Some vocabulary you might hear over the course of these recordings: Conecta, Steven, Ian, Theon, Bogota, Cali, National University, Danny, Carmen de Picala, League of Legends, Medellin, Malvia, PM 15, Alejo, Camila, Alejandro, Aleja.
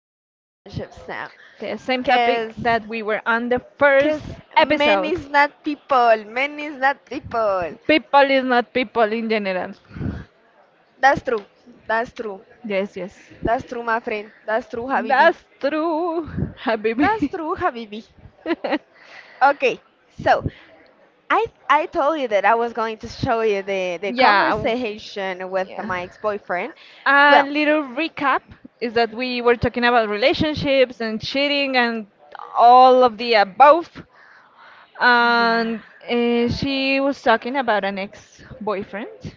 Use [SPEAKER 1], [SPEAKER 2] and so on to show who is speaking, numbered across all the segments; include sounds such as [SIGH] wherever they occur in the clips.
[SPEAKER 1] relationships now,
[SPEAKER 2] The same topic
[SPEAKER 1] cause,
[SPEAKER 2] that we were on the first
[SPEAKER 1] cause men
[SPEAKER 2] episode.
[SPEAKER 1] is not people. Men is not people.
[SPEAKER 2] People is not people in general.
[SPEAKER 1] That's true. That's true.
[SPEAKER 2] Yes, yes.
[SPEAKER 1] That's true, my friend. That's true, Habibi. That's true, Habibi. Okay, so I told you that I was going to show you the
[SPEAKER 2] Yeah,
[SPEAKER 1] conversation with my ex-boyfriend.
[SPEAKER 2] a
[SPEAKER 1] Well,
[SPEAKER 2] little recap is that we were talking about relationships and cheating and all of the above.
[SPEAKER 1] yeah.
[SPEAKER 2] And she was talking about an ex boyfriend.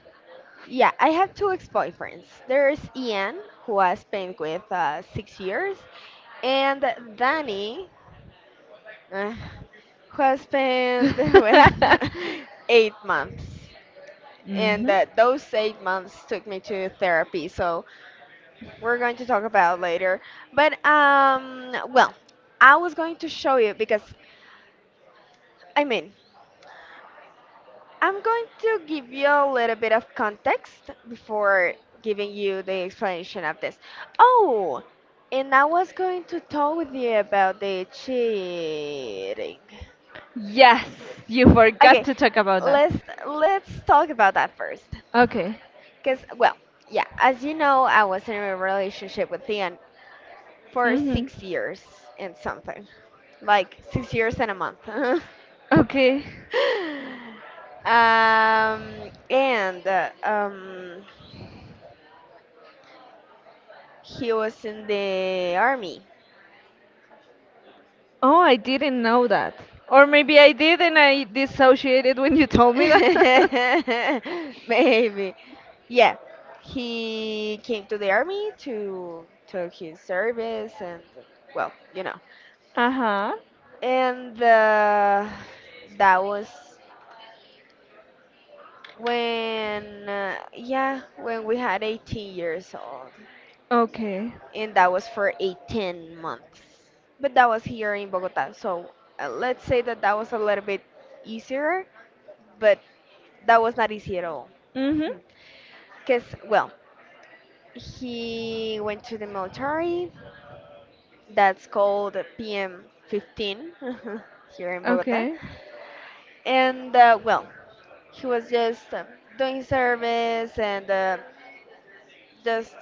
[SPEAKER 1] Yeah, I have two ex-boyfriends. There's Ian, who I spent with 6 years, and Danny, uh, who I spent [LAUGHS] with
[SPEAKER 2] [LAUGHS]
[SPEAKER 1] 8 months. And
[SPEAKER 2] Hmm.
[SPEAKER 1] those 8 months took me to therapy, so we're going to talk about later. But well, I was going to show you because I mean, I'm going to give you a little bit of context before giving you the explanation of this. Oh, and I was going to talk with you about the cheating.
[SPEAKER 2] Yes, you forgot
[SPEAKER 1] Okay,
[SPEAKER 2] to talk about that.
[SPEAKER 1] let's let's talk about that first.
[SPEAKER 2] Okay.
[SPEAKER 1] Cause well, yeah, as you know, I was in a relationship with Theon for
[SPEAKER 2] Mm-hmm.
[SPEAKER 1] 6 years and something, like 6 years and a month. [LAUGHS]
[SPEAKER 2] Okay.
[SPEAKER 1] And um. He was in the army.
[SPEAKER 2] Oh, I didn't know that. Or maybe I did and I dissociated when you
[SPEAKER 1] [LAUGHS]
[SPEAKER 2] told me that. [LAUGHS]
[SPEAKER 1] Maybe. Yeah. He came to the army to took his service and well, you know.
[SPEAKER 2] Uh-huh.
[SPEAKER 1] And that was when yeah, when we had 18 years old.
[SPEAKER 2] Okay.
[SPEAKER 1] And that was for 18 months. But that was here in Bogota. So let's say that that was a little bit easier, but that was not easy at all.
[SPEAKER 2] Mm-hmm.
[SPEAKER 1] Hmm. Because, well, he went to the military. That's called PM 15 [LAUGHS] here in Bogota.
[SPEAKER 2] Okay.
[SPEAKER 1] And, well, he was just doing service and just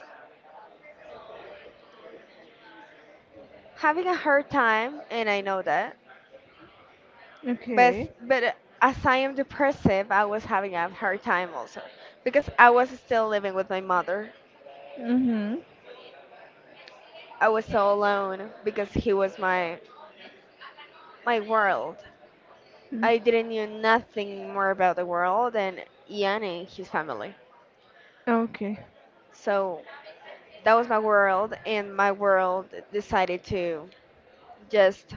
[SPEAKER 1] having a hard time. And I know that. But,
[SPEAKER 2] Okay.
[SPEAKER 1] but as I am depressive, I was having a hard time also. Because I was still living with my mother.
[SPEAKER 2] Mm-hmm.
[SPEAKER 1] I was so alone because he was my world. I didn't knew nothing more about the world than Ian and his family.
[SPEAKER 2] Okay.
[SPEAKER 1] So that was my world, and my world decided to just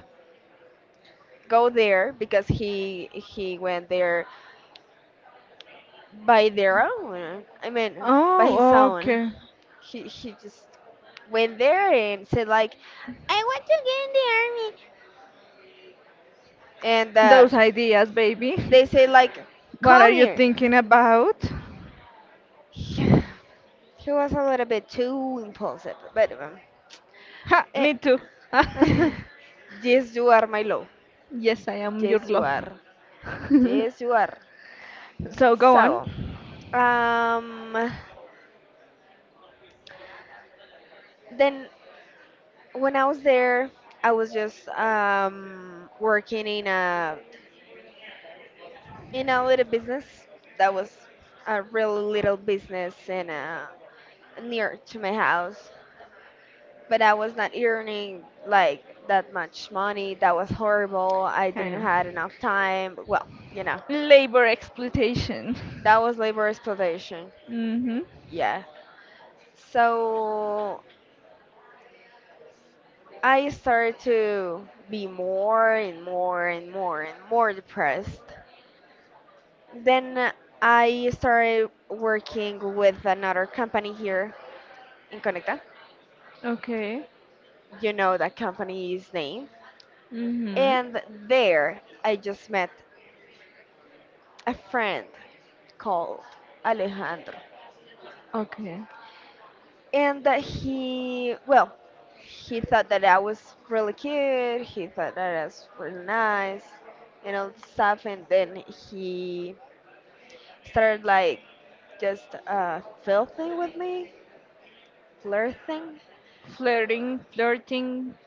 [SPEAKER 1] go there because he went there by their own. I mean, by his
[SPEAKER 2] Oh,
[SPEAKER 1] own.
[SPEAKER 2] okay.
[SPEAKER 1] He just went there and said like, "I want to get in the army," and
[SPEAKER 2] Those ideas, baby.
[SPEAKER 1] they say like,
[SPEAKER 2] [LAUGHS] What are
[SPEAKER 1] "Come
[SPEAKER 2] you
[SPEAKER 1] here."
[SPEAKER 2] thinking about?
[SPEAKER 1] [SIGHS] He was a little bit too impulsive, but
[SPEAKER 2] Ha,
[SPEAKER 1] a-
[SPEAKER 2] me too.
[SPEAKER 1] [LAUGHS]
[SPEAKER 2] [LAUGHS]
[SPEAKER 1] Yes, you are, my love.
[SPEAKER 2] Yes, I am your
[SPEAKER 1] Yes, you
[SPEAKER 2] love.
[SPEAKER 1] are.
[SPEAKER 2] [LAUGHS]
[SPEAKER 1] Yes, you are.
[SPEAKER 2] So go on.
[SPEAKER 1] So, um, then when I was there, I was just working in a little business that was a really little business and near to my house. But I was not earning like that much money. That was horrible. I
[SPEAKER 2] I
[SPEAKER 1] didn't
[SPEAKER 2] know.
[SPEAKER 1] had enough time. Well, you know,
[SPEAKER 2] Labor exploitation.
[SPEAKER 1] that was labor exploitation.
[SPEAKER 2] [LAUGHS] Mm-hmm.
[SPEAKER 1] Yeah. So I started to be more and more and more and more depressed. Then I started working with another company here in Conecta.
[SPEAKER 2] Okay.
[SPEAKER 1] You know that company's name.
[SPEAKER 2] Mm-hmm.
[SPEAKER 1] And there I just met a friend called Alejandro.
[SPEAKER 2] Okay.
[SPEAKER 1] And that he well, he thought that I was really cute. He thought that I was really nice and all this stuff. And then he started like just filthy with me, flirting,
[SPEAKER 2] Flirting, flirting.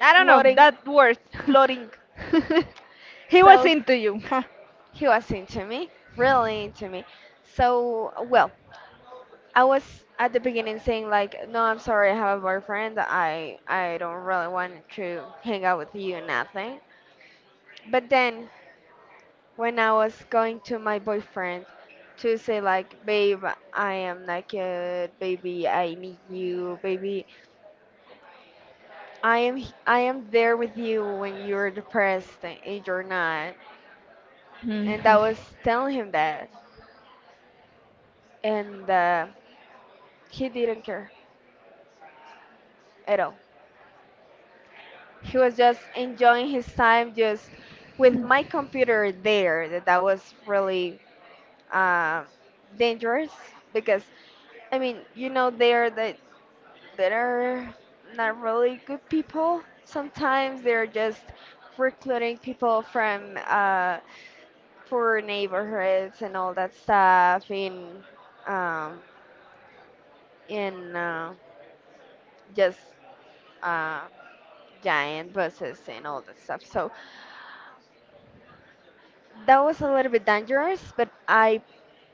[SPEAKER 2] I don't know
[SPEAKER 1] flirting,
[SPEAKER 2] that word. [LAUGHS]
[SPEAKER 1] flirting.
[SPEAKER 2] He was
[SPEAKER 1] So
[SPEAKER 2] into you, huh.
[SPEAKER 1] he was into me, really into me. So, well, I was at the beginning saying like, "No, I'm sorry, I have a boyfriend, I don't really want to hang out with you nothing." But then when I was going to my boyfriend to say like, "Babe, I am naked, baby, I need you, baby, I am there with you when you're depressed and you're not," and
[SPEAKER 2] Mhm.
[SPEAKER 1] I was telling him that, and he didn't care at all. He was just enjoying his time just with my computer there. That was really uh, dangerous because I mean, there the That are not really good people. Sometimes they're just recruiting people from poor neighborhoods and all that stuff um, in just uh, giant buses and all that stuff. So that was a little bit dangerous, but I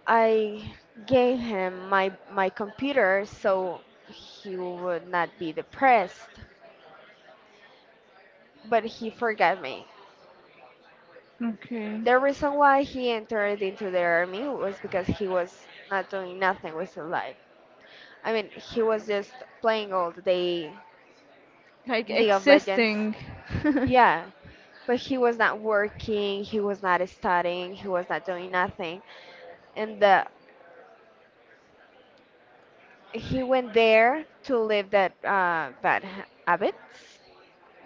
[SPEAKER 1] I gave him my computer so he would not be depressed. But he forgot me.
[SPEAKER 2] Okay.
[SPEAKER 1] The reason why he entered into the army was because he was not doing nothing with his life. I mean, he was just playing all the day
[SPEAKER 2] Like
[SPEAKER 1] League of Legends.
[SPEAKER 2] existing. [LAUGHS]
[SPEAKER 1] Yeah, but he was not working, he was not studying, he was not doing nothing. And he went there to live that bad habits,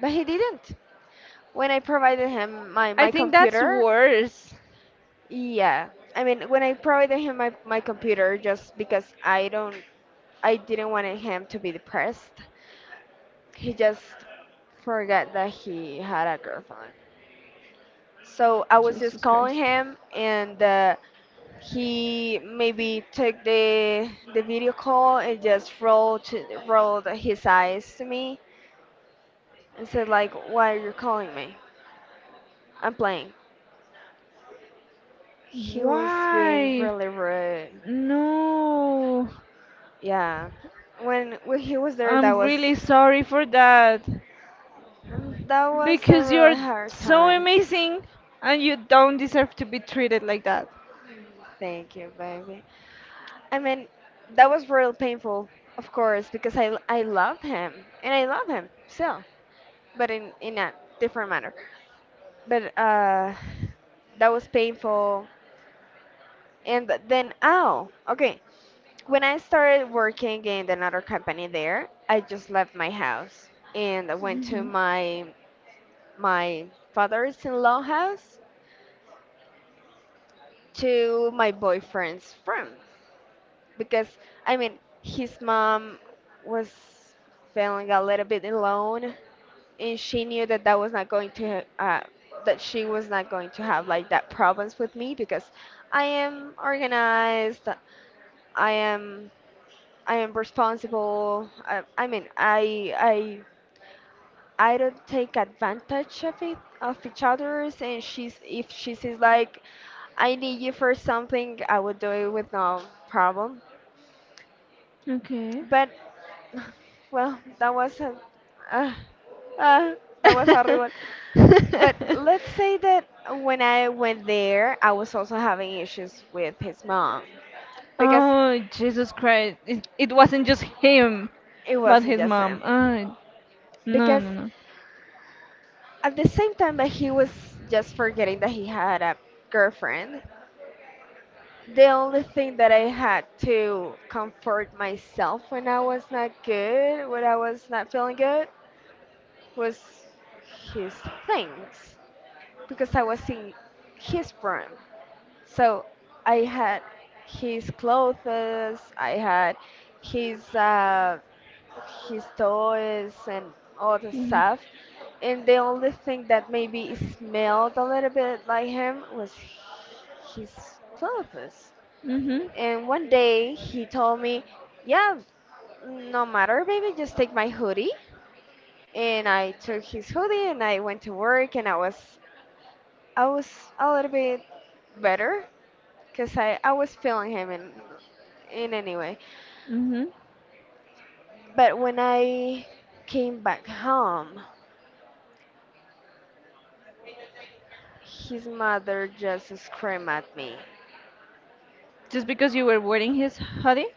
[SPEAKER 1] but he didn't. When I provided him my,
[SPEAKER 2] I
[SPEAKER 1] my
[SPEAKER 2] think that's
[SPEAKER 1] computer,
[SPEAKER 2] worse.
[SPEAKER 1] yeah. I mean, when I provided him my computer just because I didn't want him to be depressed. He just forgot that he had a girlfriend. So I was just
[SPEAKER 2] Jesus
[SPEAKER 1] calling
[SPEAKER 2] Christ.
[SPEAKER 1] him, and he maybe took the video call and just rolled his eyes to me and said like, "Why are you calling me? I'm playing." He was being
[SPEAKER 2] Why?
[SPEAKER 1] really rude.
[SPEAKER 2] No.
[SPEAKER 1] Yeah, when he was there, that
[SPEAKER 2] I'm
[SPEAKER 1] was
[SPEAKER 2] really sorry for that.
[SPEAKER 1] that was a
[SPEAKER 2] Because
[SPEAKER 1] really
[SPEAKER 2] you're
[SPEAKER 1] hard
[SPEAKER 2] so
[SPEAKER 1] time.
[SPEAKER 2] amazing and you don't deserve to be treated like that.
[SPEAKER 1] Thank you, baby. I mean, that was real painful, of course, because I love him and I love him still, but in a different manner. But that was painful. And then, oh, okay. When I started working in another company there, I just left my house and I went to my father's-in-law house, to my boyfriend's room, because I mean, his mom was feeling a little bit alone, and she knew that that was not going to that she was not going to have like that problems with me because I am organized. I am I am responsible. I mean, I don't take advantage of it of each other's, and she's, if she says like I need you for something, I would do it with no problem.
[SPEAKER 2] Okay.
[SPEAKER 1] But [LAUGHS] [SIGHS] well, uh, uh, that was horrible.
[SPEAKER 2] [LAUGHS]
[SPEAKER 1] But let's say that when I went there, I was also having issues with his mom because
[SPEAKER 2] Oh, Jesus Christ. It wasn't just him,
[SPEAKER 1] it
[SPEAKER 2] but
[SPEAKER 1] wasn't
[SPEAKER 2] his
[SPEAKER 1] just him.
[SPEAKER 2] mom. No, no,
[SPEAKER 1] Because
[SPEAKER 2] no.
[SPEAKER 1] at the same time that he was just forgetting that he had a girlfriend, the only thing that I had to comfort myself when I was not good, when I was not feeling good, was his things because I was in his room. So I had his clothes, I had his uh, his toys and all the
[SPEAKER 2] Hmm.
[SPEAKER 1] stuff. And the only thing that maybe smelled a little bit like him was his clothes.
[SPEAKER 2] Hmm.
[SPEAKER 1] And one day he told me, "Yeah, no matter, baby, just take my hoodie." And I took his hoodie and I went to work, and I was a little bit better because I was feeling him in any way.
[SPEAKER 2] Hmm.
[SPEAKER 1] But when I came back home, his mother just screamed at me.
[SPEAKER 2] Just because you were wearing his hoodie?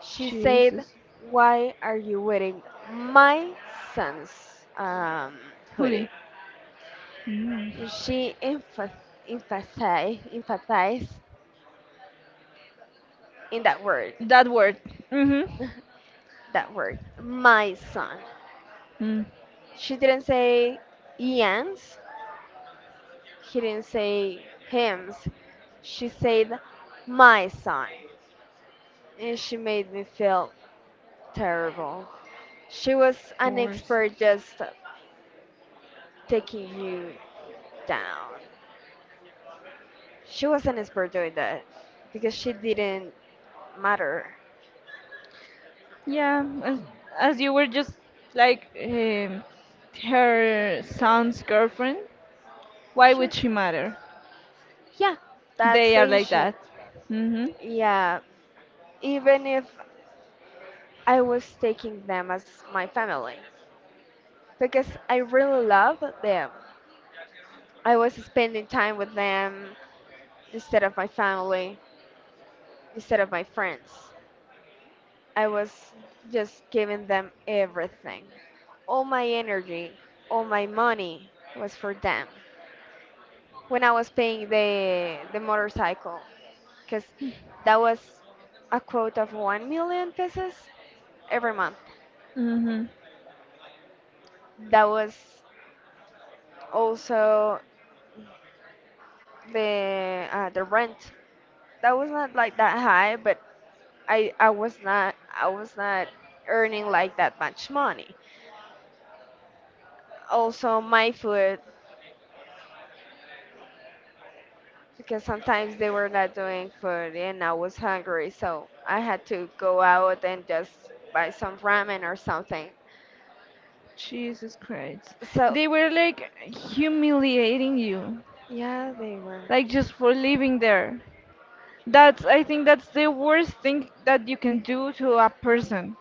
[SPEAKER 1] She said,
[SPEAKER 2] Jesus.
[SPEAKER 1] "Why are you wearing my son's
[SPEAKER 2] Hoodie.
[SPEAKER 1] hoodie?"
[SPEAKER 2] Mm.
[SPEAKER 1] She emphasized in that word,
[SPEAKER 2] That word. Mm-hmm.
[SPEAKER 1] [LAUGHS] that word, my son.
[SPEAKER 2] Mm.
[SPEAKER 1] She didn't say Ian's. He didn't say hymns. She said, "My son." And she made me feel terrible. She was an
[SPEAKER 2] Force.
[SPEAKER 1] expert just taking you down. She was an expert doing that because she didn't matter.
[SPEAKER 2] Yeah, as you were just like her son's girlfriend, why
[SPEAKER 1] She,
[SPEAKER 2] would she matter?
[SPEAKER 1] yeah,
[SPEAKER 2] They
[SPEAKER 1] that's
[SPEAKER 2] are like that.
[SPEAKER 1] Asia.
[SPEAKER 2] Mhm.
[SPEAKER 1] Yeah, even if I was taking them as my family because I really loved them. I was spending time with them instead of my family, instead of my friends. I was just giving them everything. All my energy, all my money was for them. When I was paying the motorcycle, because that was a quote of 1 million pesos every month.
[SPEAKER 2] Mhm.
[SPEAKER 1] That was also the rent. That was not like that high, but I was not earning like that much money. Also, my food, because sometimes they were not doing food and I was hungry, so I had to go out and just buy some ramen or something.
[SPEAKER 2] Jesus Christ.
[SPEAKER 1] So,
[SPEAKER 2] They were like humiliating you,
[SPEAKER 1] yeah, they were.
[SPEAKER 2] like just for living there. That's I think that's the worst thing that you can do to a person,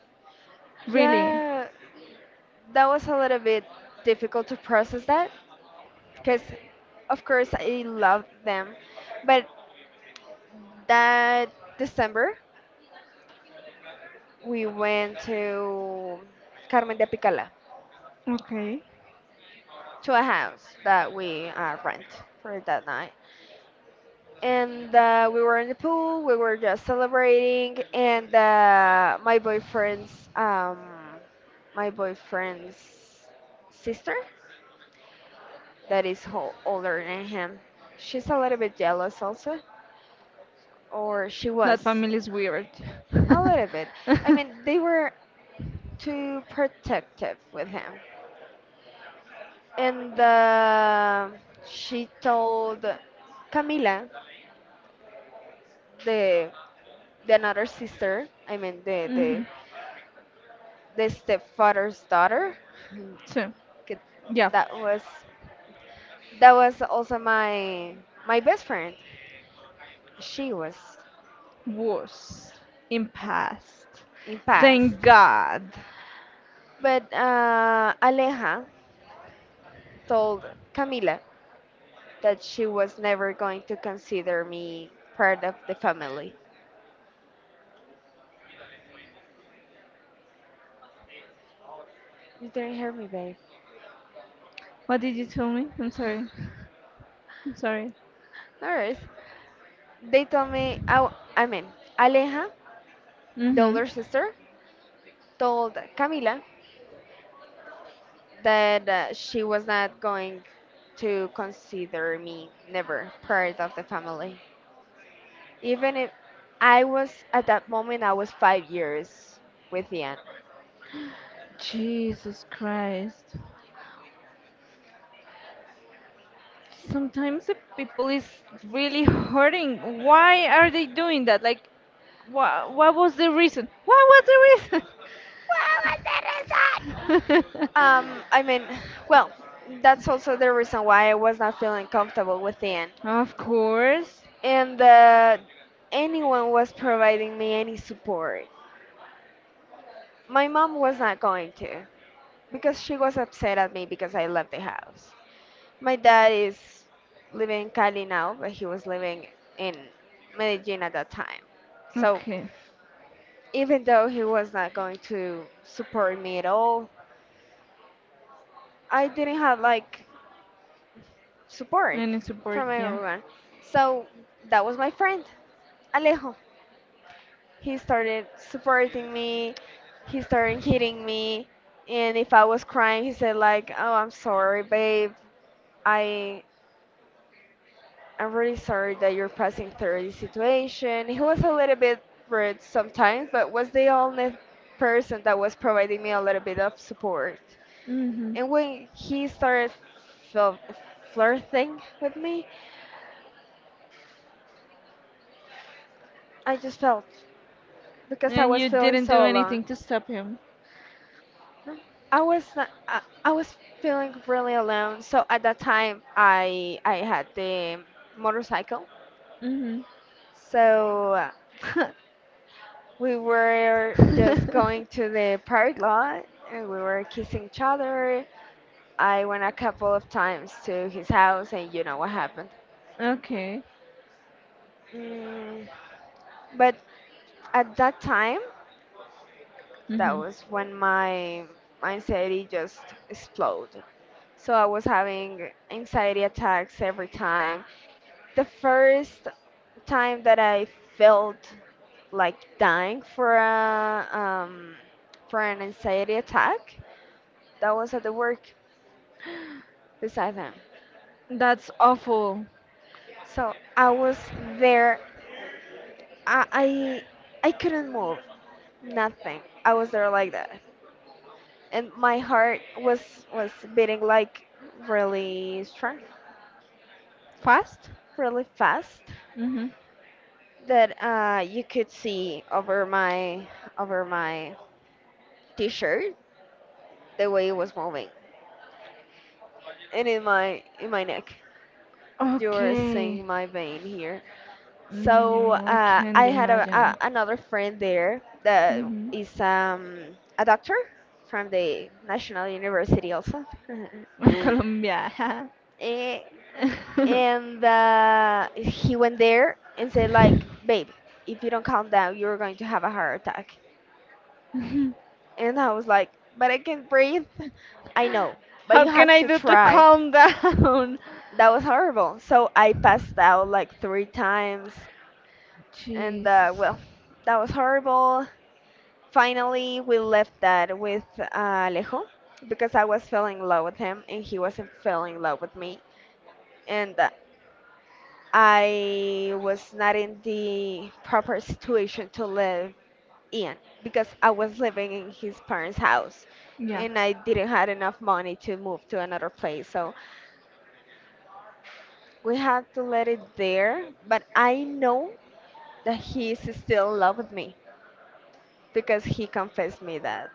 [SPEAKER 2] really.
[SPEAKER 1] Yeah, that was a little bit difficult to process that because, of course, I loved them. But that December, we went to Carmen de Picala,
[SPEAKER 2] Okay.
[SPEAKER 1] to a house that we rent for that night. And we were in the pool. We were just celebrating, and my boyfriend's sister, that is older than him, she's a little bit jealous also, or she
[SPEAKER 2] That
[SPEAKER 1] was
[SPEAKER 2] family is weird.
[SPEAKER 1] a little
[SPEAKER 2] [LAUGHS]
[SPEAKER 1] bit. I mean, they were too protective with him, and she told Camila, the the another sister. I mean, the the
[SPEAKER 2] Hmm.
[SPEAKER 1] the stepfather's daughter.
[SPEAKER 2] So,
[SPEAKER 1] Get-
[SPEAKER 2] yeah,
[SPEAKER 1] That was that was also my best friend. She was
[SPEAKER 2] was in past.
[SPEAKER 1] in past,
[SPEAKER 2] Thank God.
[SPEAKER 1] but Aleja told Camila that she was never going to consider me part of the family. You didn't hear me, babe.
[SPEAKER 2] What did you tell me? I'm sorry. I'm sorry.
[SPEAKER 1] No worries. They told me. I mean, Aleja, the
[SPEAKER 2] Mm-hmm.
[SPEAKER 1] older sister, told Camila that she was not going to consider me never part of the family. Even if I was at that moment, I was 5 years with Ian.
[SPEAKER 2] Jesus Christ. Sometimes the people is really hurting. Why are they doing that? Like, what was the reason? What was the
[SPEAKER 1] What was the result?
[SPEAKER 2] reason? [LAUGHS]
[SPEAKER 1] I mean, well, that's also the reason why I was not feeling comfortable with Ian,
[SPEAKER 2] Of course.
[SPEAKER 1] and that anyone was providing me any support. My mom was not going to because she was upset at me because I left the house. My dad is living in Cali now, but he was living in Medellin at that time. So
[SPEAKER 2] Okay.
[SPEAKER 1] even though he was not going to support me at all, I didn't have like support
[SPEAKER 2] Any support,
[SPEAKER 1] from
[SPEAKER 2] yeah.
[SPEAKER 1] everyone. So that was my friend, Alejo. He started supporting me, he started hitting me, and if I was crying, he said like, "Oh, I'm sorry, babe. I I'm really sorry that you're passing through this situation." He was a little bit rude sometimes, but was the only person that was providing me a little bit of support.
[SPEAKER 2] Mm-hmm.
[SPEAKER 1] And when he started fil- flirting with me, I just felt because I
[SPEAKER 2] And
[SPEAKER 1] was
[SPEAKER 2] you
[SPEAKER 1] feeling
[SPEAKER 2] didn't do
[SPEAKER 1] so alone.
[SPEAKER 2] anything to stop him.
[SPEAKER 1] I was not, I was feeling really alone. So at that time, I had the motorcycle.
[SPEAKER 2] Mm-hmm. [LAUGHS]
[SPEAKER 1] So we were just going to the park lot and we were kissing each other. I went a couple of times to his house and you know what happened.
[SPEAKER 2] Okay.
[SPEAKER 1] Mm, but at that time, that
[SPEAKER 2] Mm-hmm.
[SPEAKER 1] was when my anxiety just exploded. So I was having anxiety attacks every time. The first time that I felt like dying for a for an anxiety attack, that was at the work beside him.
[SPEAKER 2] That's awful.
[SPEAKER 1] So I was there. I, I I couldn't move. Nothing. I was there like that, and my heart was beating like really strong,
[SPEAKER 2] Fast?
[SPEAKER 1] really fast.
[SPEAKER 2] Mm-hmm.
[SPEAKER 1] That you could see over my t-shirt the way it was moving, and in my neck. You're seeing
[SPEAKER 2] Okay.
[SPEAKER 1] my vein here. So
[SPEAKER 2] No, I
[SPEAKER 1] I
[SPEAKER 2] can't
[SPEAKER 1] had
[SPEAKER 2] imagine.
[SPEAKER 1] another friend there that
[SPEAKER 2] Mhm.
[SPEAKER 1] is a doctor from the National University also.
[SPEAKER 2] Of
[SPEAKER 1] [LAUGHS]
[SPEAKER 2] Colombia. [LAUGHS]
[SPEAKER 1] Eh, and he went there and said like, "Babe, if you don't calm down, you're going to have a heart attack." And I was like, "But I can breathe. I know, but
[SPEAKER 2] How
[SPEAKER 1] you
[SPEAKER 2] can
[SPEAKER 1] have
[SPEAKER 2] I
[SPEAKER 1] to
[SPEAKER 2] do to
[SPEAKER 1] try."
[SPEAKER 2] calm down?
[SPEAKER 1] That was horrible. So I passed out like three times, and
[SPEAKER 2] Jesus.
[SPEAKER 1] well, that was horrible. Finally, we left that with Alejo because I was falling in love with him and he wasn't falling in love with me. And I was not in the proper situation to live in because I was living in his parents' house
[SPEAKER 2] Yeah.
[SPEAKER 1] and I didn't have enough money to move to another place. So we had to let it there. But I know that he is still in love with me because he confessed me that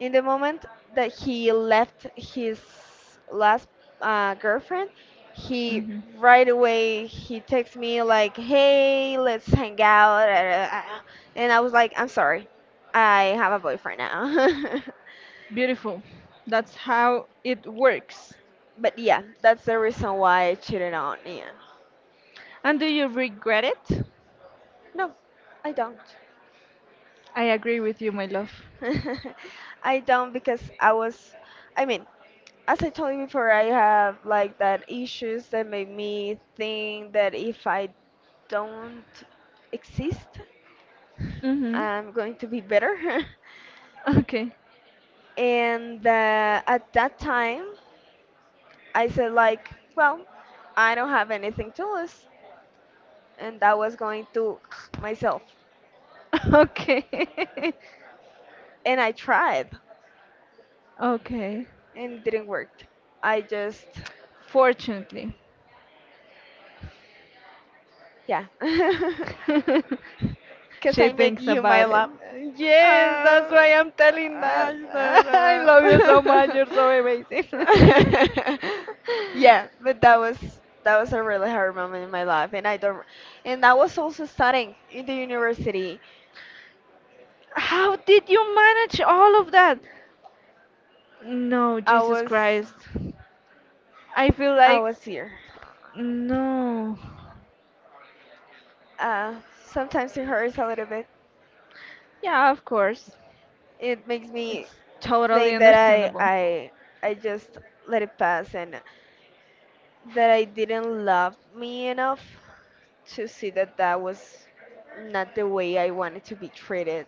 [SPEAKER 1] in the moment that he left his last girlfriend, he
[SPEAKER 2] Hmm.
[SPEAKER 1] right away, he texts me like, "Hey, let's hang out." [LAUGHS] And I was like, "I'm sorry, I have a boyfriend now."
[SPEAKER 2] Beautiful. That's how it works.
[SPEAKER 1] [LAUGHS] But yeah, that's the reason why I cheated on Ian.
[SPEAKER 2] And do you regret it?
[SPEAKER 1] No, I don't.
[SPEAKER 2] I agree with you, my love.
[SPEAKER 1] [LAUGHS] I don't because I was, I mean, as I told you before, I have like that issues that made me think that if I don't exist,
[SPEAKER 2] Mm-hmm.
[SPEAKER 1] I'm going to be better. [LAUGHS]
[SPEAKER 2] Okay.
[SPEAKER 1] And at that time, I said like, "Well, I don't have anything to lose," and that was going to [SNIFFS] myself.
[SPEAKER 2] [LAUGHS] Okay. [LAUGHS]
[SPEAKER 1] And I tried,
[SPEAKER 2] Okay.
[SPEAKER 1] and it didn't work. I just,
[SPEAKER 2] Fortunately.
[SPEAKER 1] yeah, [LAUGHS]
[SPEAKER 2] [LAUGHS]
[SPEAKER 1] because
[SPEAKER 2] She
[SPEAKER 1] I made
[SPEAKER 2] thinks
[SPEAKER 1] you, my
[SPEAKER 2] about it.
[SPEAKER 1] love. Uh,
[SPEAKER 2] Yes, that's
[SPEAKER 1] [LAUGHS]
[SPEAKER 2] why I'm telling that.
[SPEAKER 1] I don't
[SPEAKER 2] [LAUGHS] I love you so much.
[SPEAKER 1] know.
[SPEAKER 2] You're so amazing. [LAUGHS]
[SPEAKER 1] [LAUGHS] Yeah, but that was a really hard moment in my life, and I don't. And I was also studying in the university.
[SPEAKER 2] How did you manage all of that? No,
[SPEAKER 1] I
[SPEAKER 2] Jesus
[SPEAKER 1] was
[SPEAKER 2] Christ. I feel
[SPEAKER 1] I
[SPEAKER 2] like
[SPEAKER 1] was here.
[SPEAKER 2] no.
[SPEAKER 1] Uh, Sometimes it hurts a little bit.
[SPEAKER 2] Yeah, of course.
[SPEAKER 1] It makes me
[SPEAKER 2] It's totally
[SPEAKER 1] think that I
[SPEAKER 2] understandable.
[SPEAKER 1] I I just let it pass and that I didn't love me enough to see that that was not the way I wanted to be treated.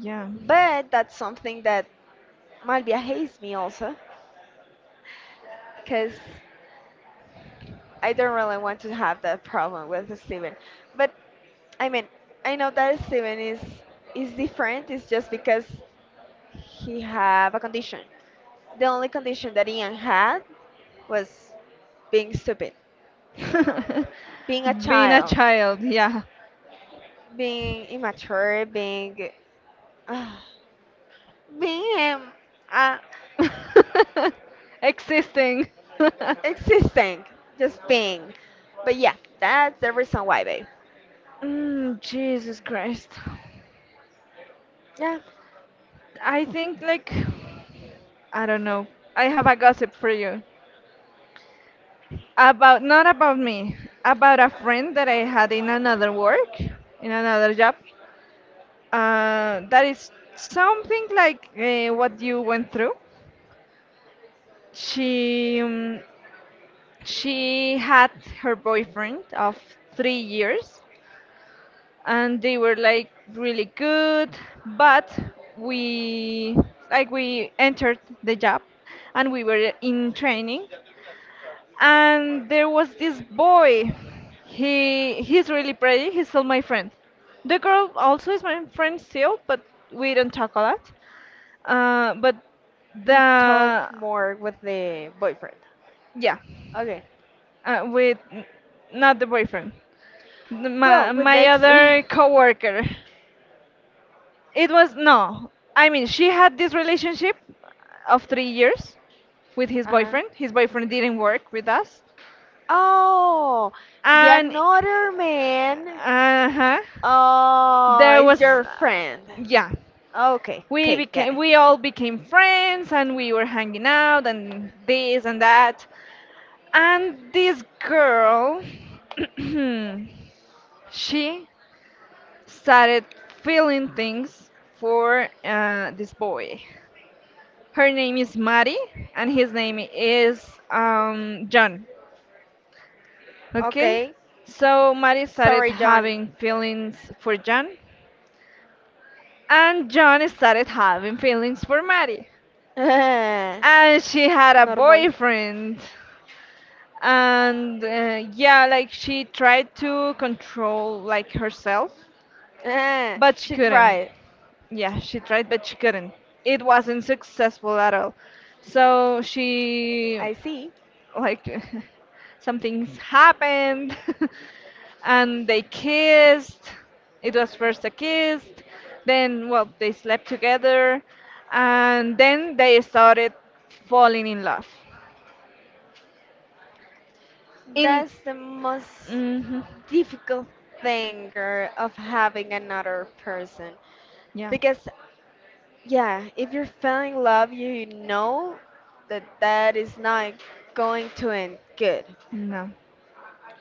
[SPEAKER 2] Yeah.
[SPEAKER 1] But that's something that Malvia hates me also, because I don't really want to have that problem with Steven. But I mean, I know that Steven is different. It's just because he have a condition. The only condition that Ian had was being stupid, being a
[SPEAKER 2] [LAUGHS] Being a
[SPEAKER 1] child,
[SPEAKER 2] child, yeah.
[SPEAKER 1] being immature, uh, being uh,
[SPEAKER 2] [LAUGHS] Existing. [LAUGHS]
[SPEAKER 1] existing, just being. But yeah, that's the reason why, babe.
[SPEAKER 2] Mm, Jesus Christ.
[SPEAKER 1] Yeah,
[SPEAKER 2] I think like I don't know. I have a gossip for you. About not about me, about a friend that I had in another work, in another job. That is something like what you went through. She um, she had her boyfriend of 3 years, and they were like really good. But we like we entered the job and we were in training, and there was this boy. He's really pretty, he's still my friend. The girl also is my friend still, but we don't talk a lot. But
[SPEAKER 1] you
[SPEAKER 2] the
[SPEAKER 1] talk more with the boyfriend.
[SPEAKER 2] yeah
[SPEAKER 1] Okay.
[SPEAKER 2] with not the boyfriend,
[SPEAKER 1] Well, with the
[SPEAKER 2] my
[SPEAKER 1] ex. [LAUGHS] Uh-huh.
[SPEAKER 2] other coworker. It was no. I mean, she had this relationship of 3 years with his boyfriend. His boyfriend didn't work with us,
[SPEAKER 1] Oh, the
[SPEAKER 2] and
[SPEAKER 1] another man.
[SPEAKER 2] uh-huh,
[SPEAKER 1] Oh,
[SPEAKER 2] there
[SPEAKER 1] is
[SPEAKER 2] was,
[SPEAKER 1] your friend.
[SPEAKER 2] yeah.
[SPEAKER 1] Okay,
[SPEAKER 2] We
[SPEAKER 1] okay, got
[SPEAKER 2] became
[SPEAKER 1] it.
[SPEAKER 2] we all became friends, and we were hanging out, and this and that, and this girl, [CLEARS THROAT] she started feeling things for this boy. Her name is Maddie, and his name is John. Okay,
[SPEAKER 1] Okay.
[SPEAKER 2] so Maddie started
[SPEAKER 1] Sorry, John.
[SPEAKER 2] having feelings for John, and John started having feelings for Maddie, and she had
[SPEAKER 1] [LAUGHS]
[SPEAKER 2] a
[SPEAKER 1] Normal.
[SPEAKER 2] boyfriend. And yeah, like she tried to control like herself,
[SPEAKER 1] Ah,
[SPEAKER 2] but she
[SPEAKER 1] she
[SPEAKER 2] couldn't.
[SPEAKER 1] tried.
[SPEAKER 2] Yeah, she tried, but she couldn't. It wasn't successful at all. So she,
[SPEAKER 1] I see.
[SPEAKER 2] like, [LAUGHS] something's happened, [LAUGHS] and they kissed. It was first a kiss, then well they slept together, and then they started falling in love in,
[SPEAKER 1] That's the most
[SPEAKER 2] hmm,
[SPEAKER 1] difficult thing of having another person.
[SPEAKER 2] yeah,
[SPEAKER 1] Because, yeah, if you're falling in love, you know that that is not going to end good.
[SPEAKER 2] no,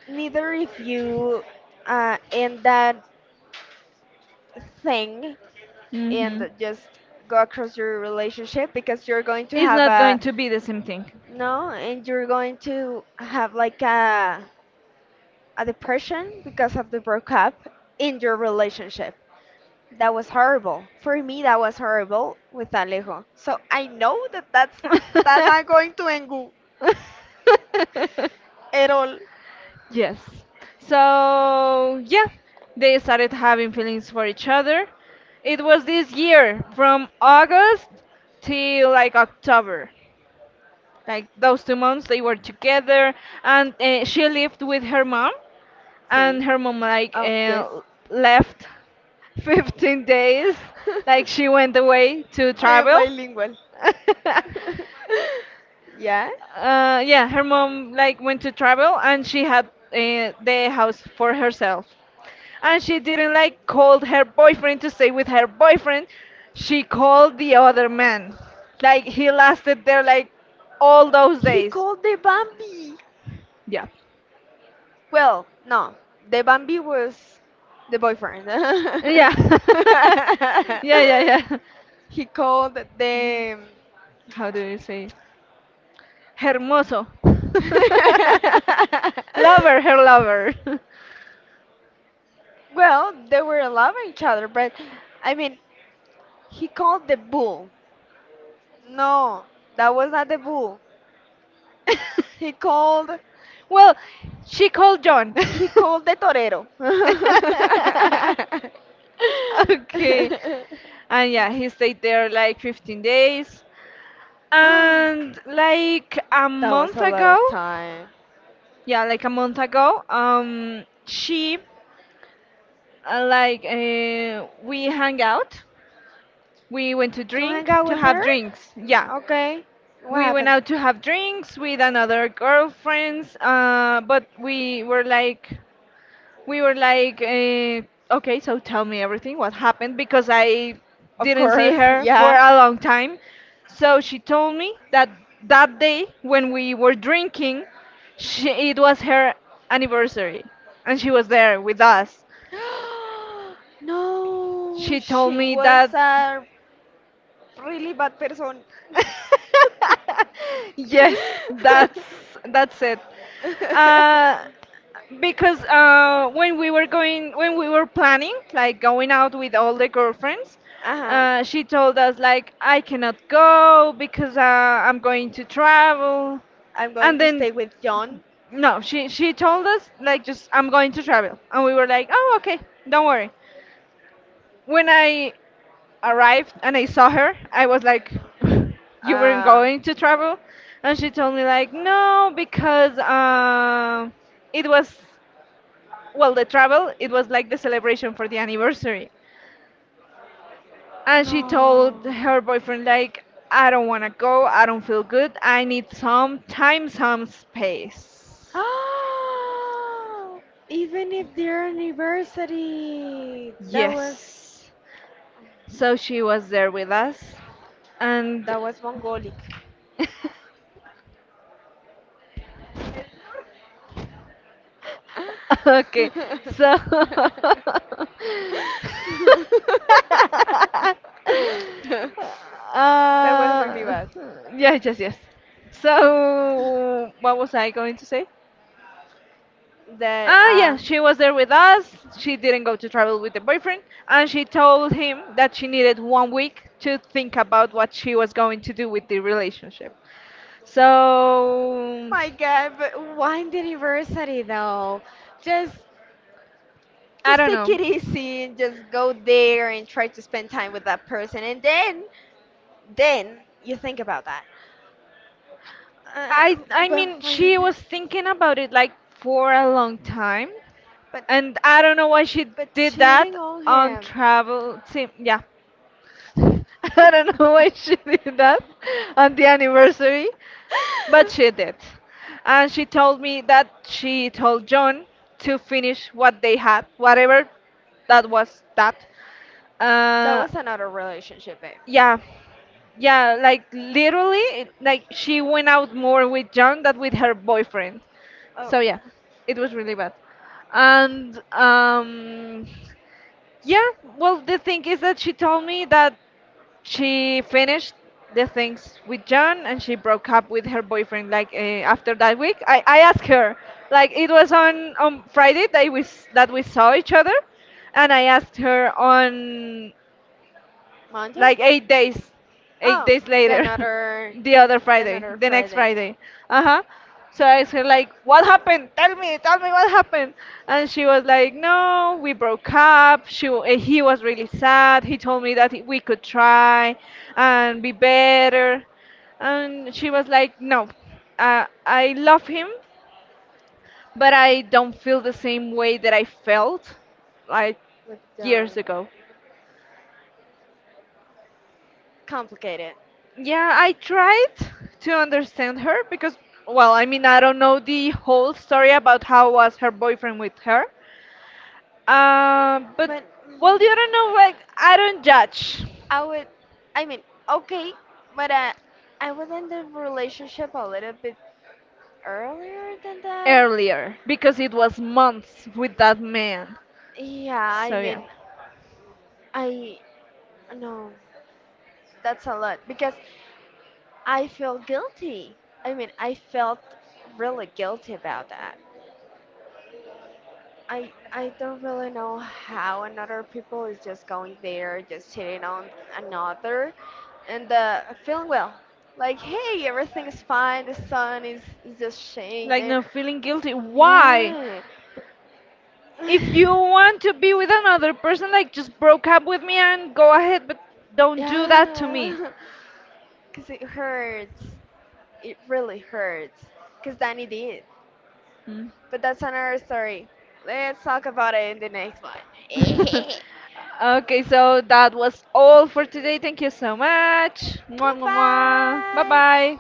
[SPEAKER 1] Neither if you end that thing
[SPEAKER 2] hmm,
[SPEAKER 1] and just go across your relationship, because you're going to
[SPEAKER 2] it's
[SPEAKER 1] have
[SPEAKER 2] not going
[SPEAKER 1] a
[SPEAKER 2] to be the same thing.
[SPEAKER 1] no, and you're going to have like a depression because of the breakup in your relationship. That was horrible. For me, that was horrible with Alejo. So I know that that's not going to end good
[SPEAKER 2] [LAUGHS]
[SPEAKER 1] at all.
[SPEAKER 2] Yes. So, yeah, they started having feelings for each other. It was this year, from August till like October. Like those 2 months, they were together, and she lived with her mom,
[SPEAKER 1] Sí.
[SPEAKER 2] and her mom like
[SPEAKER 1] Oh, yes. [LAUGHS]
[SPEAKER 2] left [LAUGHS] 15 days. Like she went away to
[SPEAKER 1] I am
[SPEAKER 2] travel.
[SPEAKER 1] bilingual.
[SPEAKER 2] [LAUGHS]
[SPEAKER 1] [LAUGHS] Yeah?
[SPEAKER 2] Yeah, her mom like went to travel and she had the house for herself. And she didn't like called her boyfriend to stay with her boyfriend. She called the other man. Like he lasted there like all those
[SPEAKER 1] He
[SPEAKER 2] days.
[SPEAKER 1] called the Bambi.
[SPEAKER 2] Yeah.
[SPEAKER 1] Well, no. The Bambi was the boyfriend. [LAUGHS]
[SPEAKER 2] Yeah. [LAUGHS] Yeah, yeah, yeah.
[SPEAKER 1] He called the
[SPEAKER 2] How do you say it? Hermoso.
[SPEAKER 1] [LAUGHS]
[SPEAKER 2] [LAUGHS] Lover, her lover. [LAUGHS]
[SPEAKER 1] well, they were loving each other, but I mean, he called the bull. No, that was not the bull. He called
[SPEAKER 2] Well, she called John. [LAUGHS]
[SPEAKER 1] he called the torero. [LAUGHS] That
[SPEAKER 2] [LAUGHS] Okay. And yeah, he stayed there like 15 days. And like a
[SPEAKER 1] was
[SPEAKER 2] month
[SPEAKER 1] a lot
[SPEAKER 2] ago,
[SPEAKER 1] of time.
[SPEAKER 2] yeah, like a month ago, she like we hang out. We went to
[SPEAKER 1] You hang
[SPEAKER 2] drink
[SPEAKER 1] out
[SPEAKER 2] to
[SPEAKER 1] with
[SPEAKER 2] have
[SPEAKER 1] her?
[SPEAKER 2] drinks. Yeah.
[SPEAKER 1] Okay. What
[SPEAKER 2] We went
[SPEAKER 1] happened?
[SPEAKER 2] out to have drinks with another girlfriends, but we were like, okay, so tell me everything, what happened, because I didn't see her for a long time. So she told me that that day when we were drinking, it was her anniversary, and she was there with
[SPEAKER 1] [GASPS]
[SPEAKER 2] us.
[SPEAKER 1] No,
[SPEAKER 2] She told
[SPEAKER 1] she
[SPEAKER 2] me
[SPEAKER 1] was
[SPEAKER 2] that.
[SPEAKER 1] a really bad person.
[SPEAKER 2] [LAUGHS] Yes,
[SPEAKER 1] [LAUGHS]
[SPEAKER 2] that's that's it. Uh, because when we were planning like going out with all the girlfriends,
[SPEAKER 1] Uh-huh.
[SPEAKER 2] she told us like, I cannot go because I'm going to travel.
[SPEAKER 1] I'm going
[SPEAKER 2] And
[SPEAKER 1] to
[SPEAKER 2] then
[SPEAKER 1] stay with John.
[SPEAKER 2] no, she told us like, just I'm going to travel, and we were like, oh, okay, don't worry. When I arrived and I saw her, I was like, [LAUGHS] you weren't going to travel. And she told me like, no, because it was, well, the travel, it was like the celebration for the anniversary. And she told
[SPEAKER 1] No.
[SPEAKER 2] her boyfriend like, I don't want to go, I don't feel good, I need some time, some space.
[SPEAKER 1] [GASPS] Even if their university, that was
[SPEAKER 2] Yes, so she was there with us, and
[SPEAKER 1] that was Mongolic.
[SPEAKER 2] [LAUGHS] [LAUGHS] okay, so
[SPEAKER 1] [LAUGHS]
[SPEAKER 2] [LAUGHS]
[SPEAKER 1] That was really
[SPEAKER 2] uh,
[SPEAKER 1] bad.
[SPEAKER 2] yes, yes, yes. So, what was I going to say?
[SPEAKER 1] That
[SPEAKER 2] Ah, yeah, she was there with us. She didn't go to travel with the boyfriend, and she told him that she needed one week to think about what she was going to do with the relationship. So,
[SPEAKER 1] My God, but why the university though? Just
[SPEAKER 2] I
[SPEAKER 1] just
[SPEAKER 2] don't
[SPEAKER 1] take
[SPEAKER 2] know.
[SPEAKER 1] it easy and just go there and try to spend time with that person, and then you think about that. Uh,
[SPEAKER 2] I
[SPEAKER 1] well,
[SPEAKER 2] mean,
[SPEAKER 1] I
[SPEAKER 2] she
[SPEAKER 1] mean,
[SPEAKER 2] was thinking about it like for a long time,
[SPEAKER 1] but
[SPEAKER 2] and I don't know why she
[SPEAKER 1] but
[SPEAKER 2] did
[SPEAKER 1] cheating
[SPEAKER 2] that
[SPEAKER 1] on
[SPEAKER 2] on
[SPEAKER 1] him.
[SPEAKER 2] travel. See, yeah, [LAUGHS] I don't know why she [LAUGHS] did that on the anniversary, but she did, and she told me that she told John to finish what they had, whatever
[SPEAKER 1] [LAUGHS]
[SPEAKER 2] that was, that
[SPEAKER 1] That
[SPEAKER 2] uh,
[SPEAKER 1] was another relationship, babe.
[SPEAKER 2] yeah, yeah, like, literally, like she went out more with John than with her boyfriend.
[SPEAKER 1] Oh,
[SPEAKER 2] So yeah, it was really bad. And yeah, well, the thing is that she told me that she finished the things with John, and she broke up with her boyfriend like after that week. I asked her, like, it was on Friday that that we saw each other, and I asked her on like
[SPEAKER 1] Monday?
[SPEAKER 2] 8 days, eight
[SPEAKER 1] Oh,
[SPEAKER 2] days
[SPEAKER 1] the
[SPEAKER 2] later, [LAUGHS]
[SPEAKER 1] another,
[SPEAKER 2] the other
[SPEAKER 1] the
[SPEAKER 2] Friday,
[SPEAKER 1] another
[SPEAKER 2] the next
[SPEAKER 1] Friday
[SPEAKER 2] Friday. Uh huh. So I said like, what happened? Tell me what happened. And she was like, no, we broke up. He was really sad. He told me that we could try and be better. And she was like, no, I love him, but I don't feel the same way that I felt like
[SPEAKER 1] with
[SPEAKER 2] years ago.
[SPEAKER 1] complicated.
[SPEAKER 2] Yeah, I tried to understand her because, well, I mean, I don't know the whole story about how was her boyfriend with her. But,
[SPEAKER 1] But
[SPEAKER 2] well,
[SPEAKER 1] mm,
[SPEAKER 2] you don't know, like, I don't judge
[SPEAKER 1] I would, I mean, okay, but I would end the relationship a little bit earlier than that.
[SPEAKER 2] earlier because it was months with that man.
[SPEAKER 1] Yeah, I
[SPEAKER 2] So, yeah,
[SPEAKER 1] mean, I, no, that's a lot because I feel guilty. I mean, I felt really guilty about that. I don't really know how another people is just going there, just hitting on another, and feeling well. Like, hey, everything is fine. The sun is just shining
[SPEAKER 2] like,
[SPEAKER 1] there.
[SPEAKER 2] no feeling guilty. Why?
[SPEAKER 1] Yeah,
[SPEAKER 2] If you
[SPEAKER 1] [SIGHS]
[SPEAKER 2] want to be with another person, like, just broke up with me and go ahead, but don't do that to me.
[SPEAKER 1] yeah, [LAUGHS] because it hurts. It really hurts. Because Danny did.
[SPEAKER 2] Mm.
[SPEAKER 1] But that's another story. Let's talk about it in the next one.
[SPEAKER 2] [LAUGHS]
[SPEAKER 1] [LAUGHS]
[SPEAKER 2] Okay, so that was all for today. Thank you so much. Mwah, mwah, mwah. Bye
[SPEAKER 1] Goodbye.
[SPEAKER 2] bye.